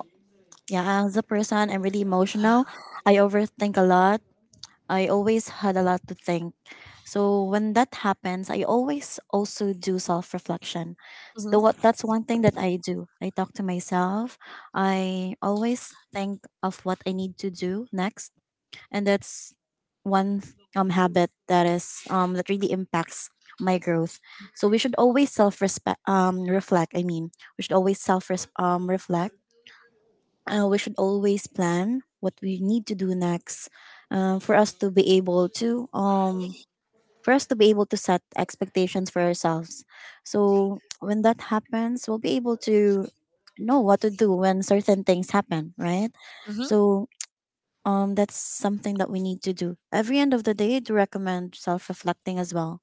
S3: yeah, as a person, I'm really emotional. I overthink a lot. I always had a lot to think. So when that happens, I always also do self reflection. So what
S1: Mm-hmm.
S3: that's one thing that I do. I talk to myself. I always think of what I need to do next, and that's one habit that is that really impacts my growth. So we should always self respect reflect. I mean, we should always self reflect. We should always plan what we need to do next, uh, for us to be able to um for us to be able to set expectations for ourselves. So when that happens, we'll be able to know what to do when certain things happen, right?
S1: Mm-hmm.
S3: So that's something that we need to do every end of the day. I do recommend self-reflecting as well.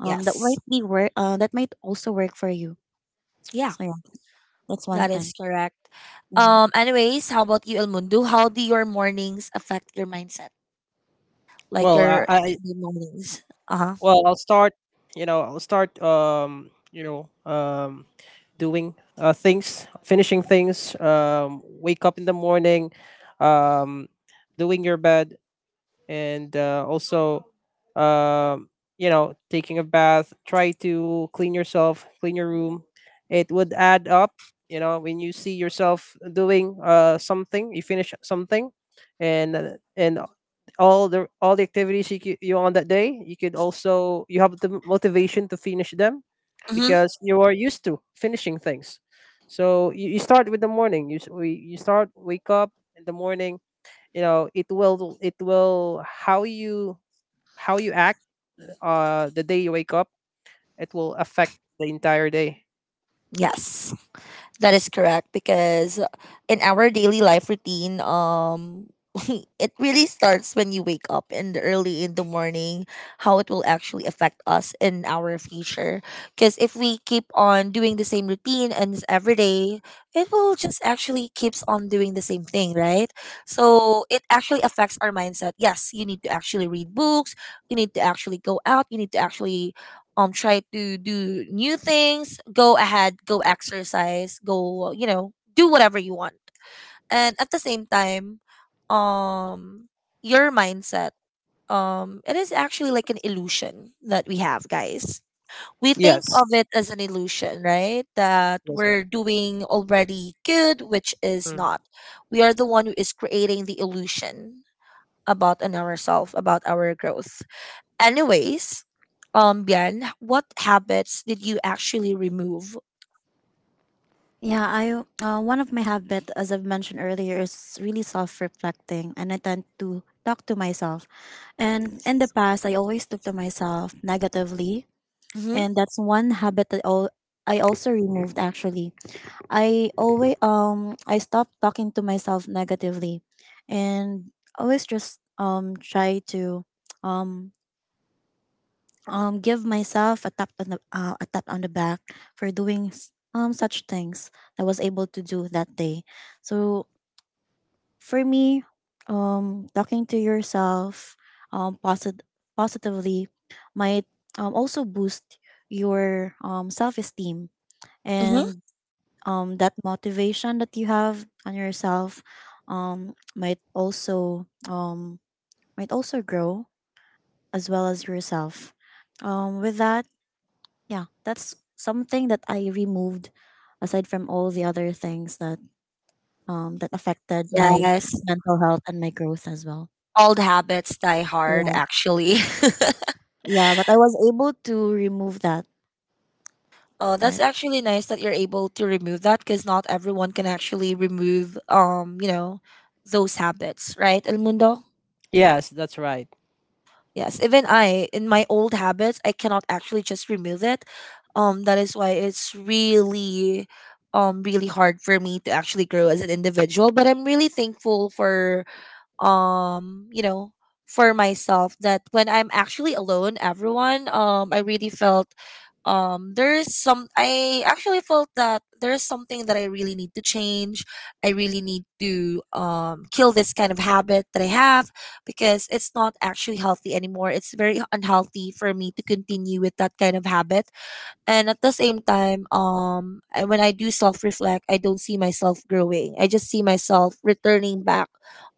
S3: That, yes,
S1: Yes.
S3: might be work. That might also work for you.
S1: Yeah,
S3: So yeah, that's one
S1: that is
S3: thing.
S1: correct.
S3: Mhm.
S1: Anyways, how about you, El Mundo? How do your mornings affect your mindset? Like
S2: Well, I,
S1: your
S2: I
S1: the mornings. Uh-huh.
S2: well, I'll start. You know, I'll start. You know, doing things, finishing things. Wake up in the morning. Um, Doing your bed, and also, um, you know, taking a bath, try to clean yourself, clean your room. It would add up. You know, when you see yourself doing something, you finish something, and all the activities you on that day, you could also, you have the motivation to finish them
S1: Mm-hmm.
S2: because you are used to finishing things. So you start with the morning. You start wake up in the morning. You know, it will how you, how you act the day you wake up, it will affect the entire day.
S1: Yes. That is correct because in our daily life routine, it really starts when you wake up in the early in the morning, how it will actually affect us in our future. Because if we keep on doing the same routine and it's every day, it will just actually keeps on doing the same thing, right? So it actually affects our mindset. Yes, you need to actually read books. You need to actually go out. You need to actually try to do new things, go ahead, go exercise, go, you know, do whatever you want. And at the same time, um your mindset, it is actually like an illusion that we have, guys. We think
S2: Yes,
S1: of it as an illusion, right, that
S2: that's
S1: we're
S2: right.
S1: doing already good, which is
S2: Mm.
S1: not. We are the one who is creating the illusion about an ourself, about our growth. Anyways, Bian, what habits did you actually remove?
S3: Yeah, I one of my habits, as I've mentioned earlier, is really self-reflecting, and I tend to talk to myself. And in the past, I always talk to myself negatively,
S1: Mm-hmm.
S3: and that's one habit that, I also removed, actually. I stop talking to myself negatively, and always just try to um give myself a tap on the a tap on the back for doing, such things I was able to do that day. So for me, talking to yourself um posit- positively might also boost your self-esteem,
S1: Mm-hmm.
S3: and that motivation that you have on yourself um might also um might also grow as well as yourself. With that, yeah, that's something that I removed aside from all the other things that that affected my, yes,
S1: Yes,
S3: mental health and my growth as well.
S1: old habits die hard,
S3: Right.
S1: actually.
S3: Yeah, but I was able to remove that.
S1: Oh, that's
S3: Right.
S1: actually nice that you're able to remove that because not everyone can actually remove, you know, those habits, right, El Mundo?
S2: Yes, that's right.
S1: Yes, even I, in my old habits, I cannot actually just remove it. That is why it's really, really hard for me to actually grow as an individual. But I'm really thankful for you know, for myself that when I'm actually alone, everyone, I really felt, there is some, I actually felt that there is something that I really need to change. I really need to kill this kind of habit that I have because it's not actually healthy anymore. It's very unhealthy for me to continue with that kind of habit. And at the same time, I, when I do self reflect, I don't see myself growing. I just see myself returning back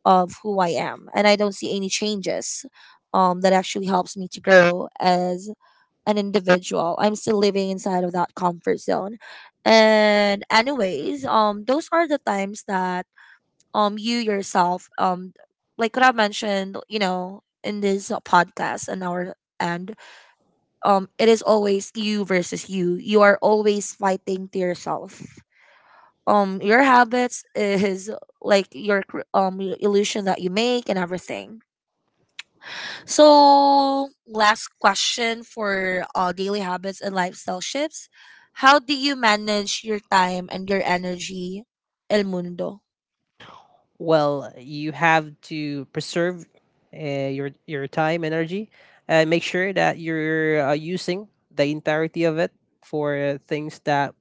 S1: of who I am, and I don't see any changes. That actually helps me to grow as an individual. I'm still living inside of that comfort zone. And anyways, those are the times that you yourself, like what I mentioned, you know, in this podcast and our end, it is always you versus you. You are always fighting to yourself. Your habits is like your your illusion that you make and everything. So last question for daily habits and lifestyle shifts: how do you manage your time and your energy, El Mundo?
S2: Well, you have to preserve your time energy, and make sure that you're using the entirety of it for things that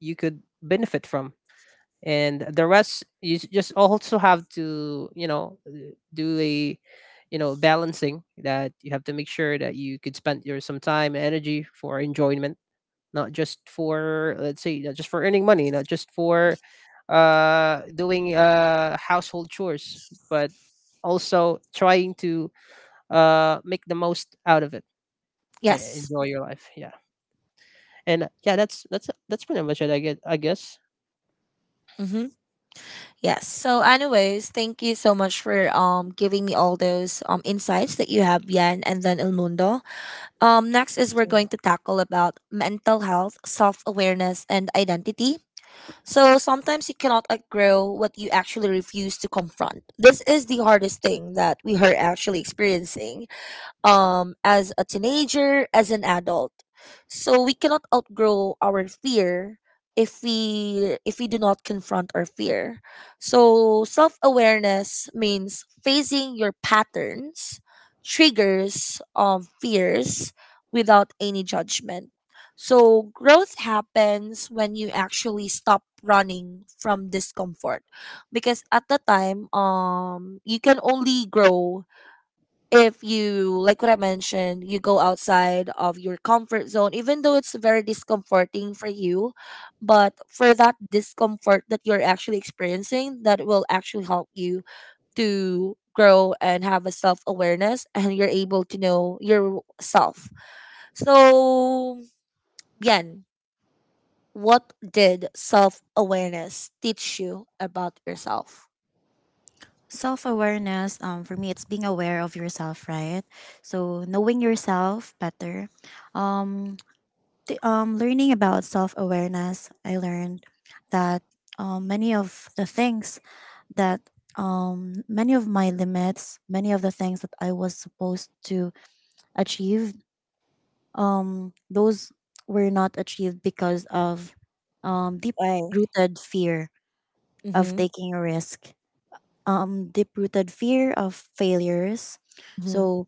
S2: you could benefit from, and the rest just also have to, you know, do a, you know, balancing that you have to make sure that you could spend your some time and energy for enjoyment. Not just for, let's say, not just for earning money, not just for doing household chores, but also trying to make the most out of it and
S1: Yes.
S2: enjoy your life. Yeah, and yeah, that's pretty much it I get I guess.
S1: Mm-hmm. Yes. So, anyways, thank you so much for giving me all those insights that you have, Yan, and then El Mundo. Next is we're going to tackle about mental health, self-awareness, and identity. So sometimes you cannot outgrow what you actually refuse to confront. This is the hardest thing that we are actually experiencing, as a teenager, as an adult. So we cannot outgrow our fear if we do not confront our fear. So self-awareness means facing your patterns, triggers of fears, without any judgment. So growth happens when you actually stop running from discomfort, because at the time, you can only grow if, you like what I mentioned, you go outside of your comfort zone, even though it's very discomforting for you, but for that discomfort that you're actually experiencing, that will actually help you to grow and have a self awareness and you're able to know yourself. So, Yen, what did self awareness teach you about yourself?
S3: Self awareness, for me, it's being aware of yourself, right? So knowing yourself better. Um, Learning about self awareness, I learned that many of the things that many of my limits, many of the things that I was supposed to achieve, those were not achieved because of, deep
S1: Right.
S3: rooted fear of
S1: Mm-hmm.
S3: taking a risk, deep rooted fear of failures.
S1: Mm-hmm.
S3: So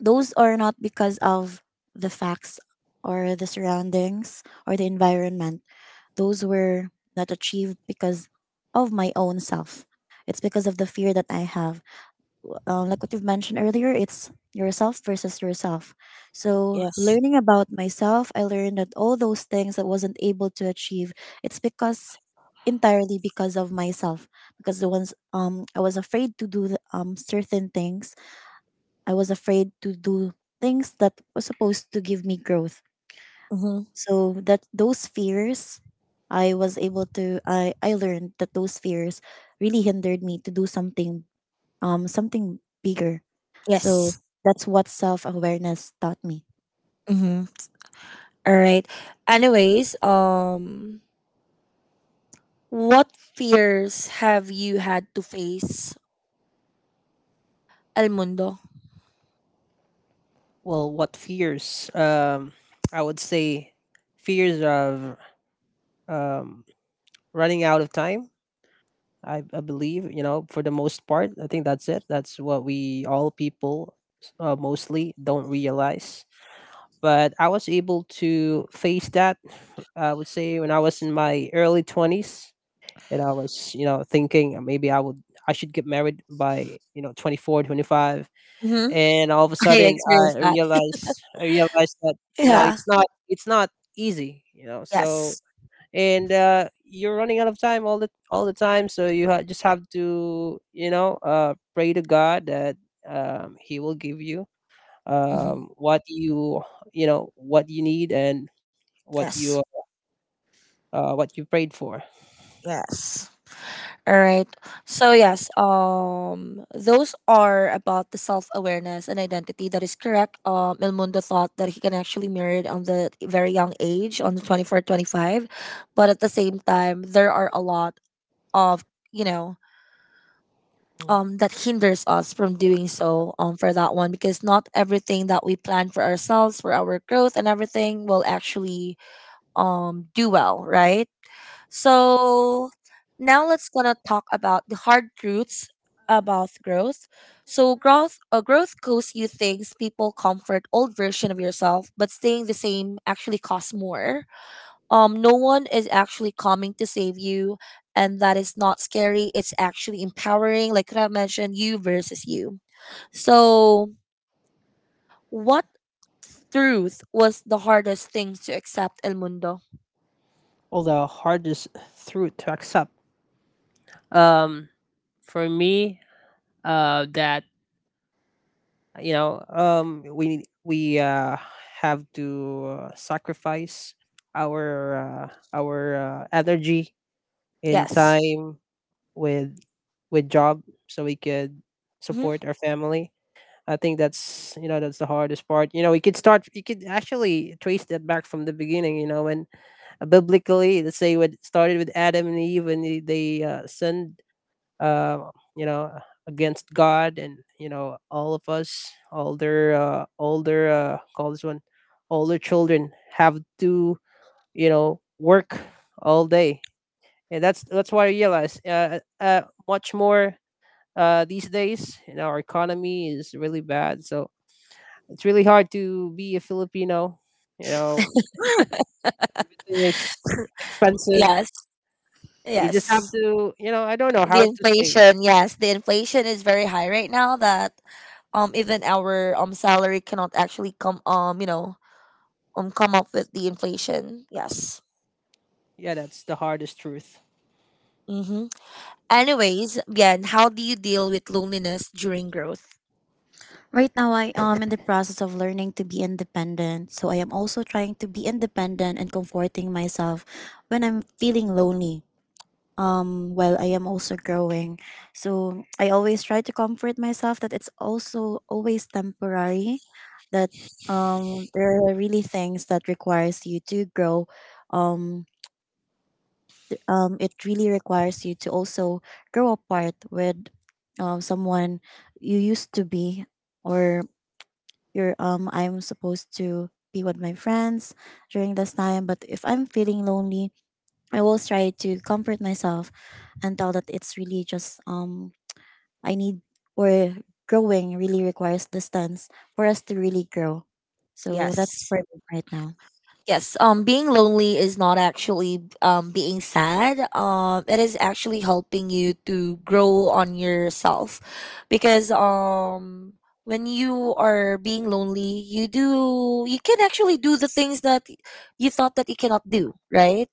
S3: those are not because of the facts or the surroundings or the environment. Those were not achieved because of my own self. It's because of the fear that I have, like what you've mentioned earlier, it's yourself versus yourself. So,
S1: Yes.
S3: learning about myself, I learned that all those things I wasn't able to achieve, it's because entirely because of myself. Because the ones I was afraid to do certain things, I was afraid to do things that was supposed to give me growth.
S1: Mm-hmm.
S3: So that those fears, I was able to I learned that those fears really hindered me to do something bigger. So
S1: Yes.
S3: that's what self awareness taught me.
S1: Mm-hmm. All right. Anyways, what fears have you had to face, El Mundo?
S2: Well, what fears? I would say fears of um, running out of time. I believe, you know, for the most part. I think that's it. That's what we all people mostly don't realize. But I was able to face that. I would say when I was in my early 20s, and I was, you know, thinking maybe I would, I should get married by, you know, 24, 25.
S1: Mm-hmm.
S2: And all of a
S1: I
S2: sudden
S1: experienced that.
S2: I realized that, you know,
S1: Yeah.
S2: it's not easy, you know. So,
S1: Yes.
S2: and you're running out of time all the time. So you just have to, you know, pray to God that He will give you
S1: Mhm.
S2: what you know, what you need, and what you
S1: Yes.
S2: what you prayed for.
S1: Yes. All right. So yes, those are about the self-awareness and identity. That is correct. El Mundo thought that he can actually married on the very young age, on the 24, 25, but at the same time, there are a lot of, you know, that hinders us from doing so, for that one, because not everything that we plan for ourselves, for our growth and everything, will actually do well, right? So now let's gonna talk about the hard truths about growth. So growth, growth costs you things, people, comfort, old version of yourself, but staying the same actually costs more. No one is actually coming to save you. And that is not scary. It's actually empowering. Like I mentioned, you versus you. So, what truth was the hardest thing to accept, El Mundo?
S2: All the hardest truth to accept. Um, for me, that, you know, we have to sacrifice our energy and, yes,
S1: Yes.
S2: time with with job, so we could
S1: Hmm.
S2: support our family. I think that's, you know, that's the hardest part. You know, we could start, you could actually trace that back from the beginning. You know, when biblically, let's say, what started with Adam and Eve, when they sinned uh, you know against God, and you know all of us older call this one older children have to, you know, work all day. And that's what I realized, much more these days. You know, our economy is really bad, so it's really hard to be a Filipino. You know, it's expensive.
S1: Yes.
S2: You just
S1: Yes.
S2: have to, you know, I don't know
S1: The
S2: how to say.
S1: inflation. Yes. The inflation is very high right now that even our salary cannot actually come, you know, come up with the inflation. Yes.
S2: Yeah, that's the hardest truth.
S1: Mm-hmm. Anyways, Bien, how do you deal with loneliness during growth?
S3: Right now, I am in the process of learning to be independent. So I am also trying to be independent and comforting myself when I'm feeling lonely. While I am also growing. So I always try to comfort myself that it's also always temporary, that there are really things that requires you to grow, um, it really requires you to also grow apart with, someone you used to be, or you're I'm supposed to be with my friends during this time. But if I'm feeling lonely, I will try to comfort myself and tell that it's really just, I need or growing really requires distance for us to really grow. So that's
S1: Yes.
S3: for me right now.
S1: Yes, being lonely is not actually being sad. It is actually helping you to grow on yourself, because, when you are being lonely, you do, you can actually do the things that you thought that you cannot do, right?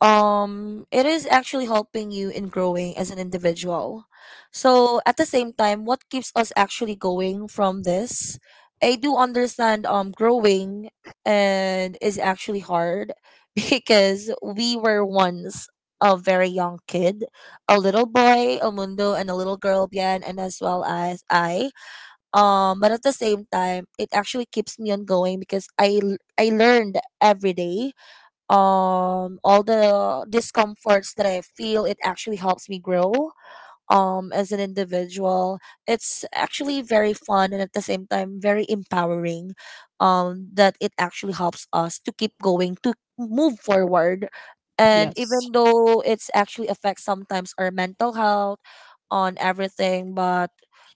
S1: it is actually helping you in growing as an individual. So at the same time, what keeps us actually going from this? I do understand growing and is actually hard because we were once a very young kid, a little boy, El Mundo, and a little girl, Bian, and as well as I, but at the same time, it actually keeps me on going because I learned every day, all the discomforts that I feel, it actually helps me grow as an individual. It's actually very fun and at the same time very empowering, that it actually helps us to keep going, to move forward. And even
S2: Yes.
S1: though it's actually affects sometimes our mental health on everything, but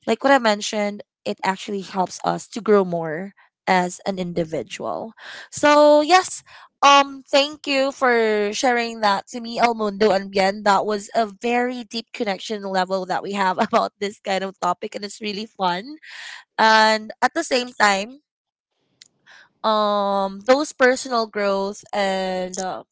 S1: like what I mentioned, it actually helps us to grow more as an individual. So yes, thank you for sharing that to me, El Mundo and Bien. That was a very deep connection level that we have about this kind of topic, and it's really fun. And at the same time, those personal growth and,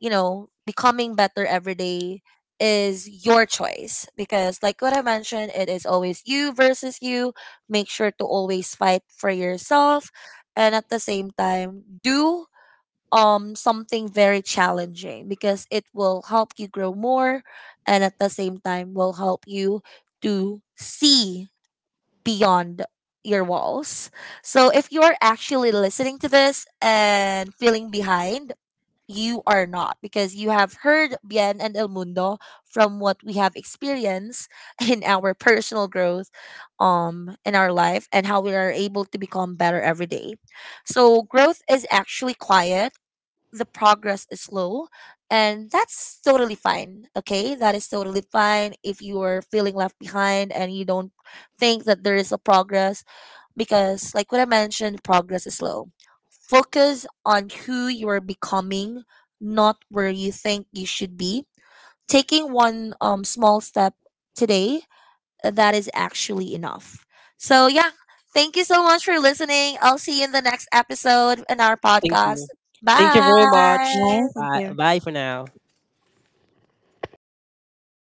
S1: you know, becoming better every day is your choice because, like what I mentioned, it is always you versus you. Make sure to always fight for yourself, and at the same time, do something very challenging because it will help you grow more, and at the same time will help you to see beyond your walls. So if you are actually listening to this and feeling behind, you are not, because you have heard Bien and El Mundo from what we have experienced in our personal growth, in our life, and how we are able to become better every day. So growth is actually quiet, the progress is slow, and that's totally fine. Okay, that is totally fine if you are feeling left behind and you don't think that there is a progress, because like what I mentioned, progress is slow. Focus on who you are becoming, not where you think you should be. Taking one, small step today, that is actually enough. So yeah, thank you so much for listening. I'll see you in the next episode in our
S2: Thank
S1: podcast.
S2: you. Thank you very much.
S3: Yeah,
S1: Bye.
S3: thank
S2: Bye.
S3: you.
S2: Bye for now.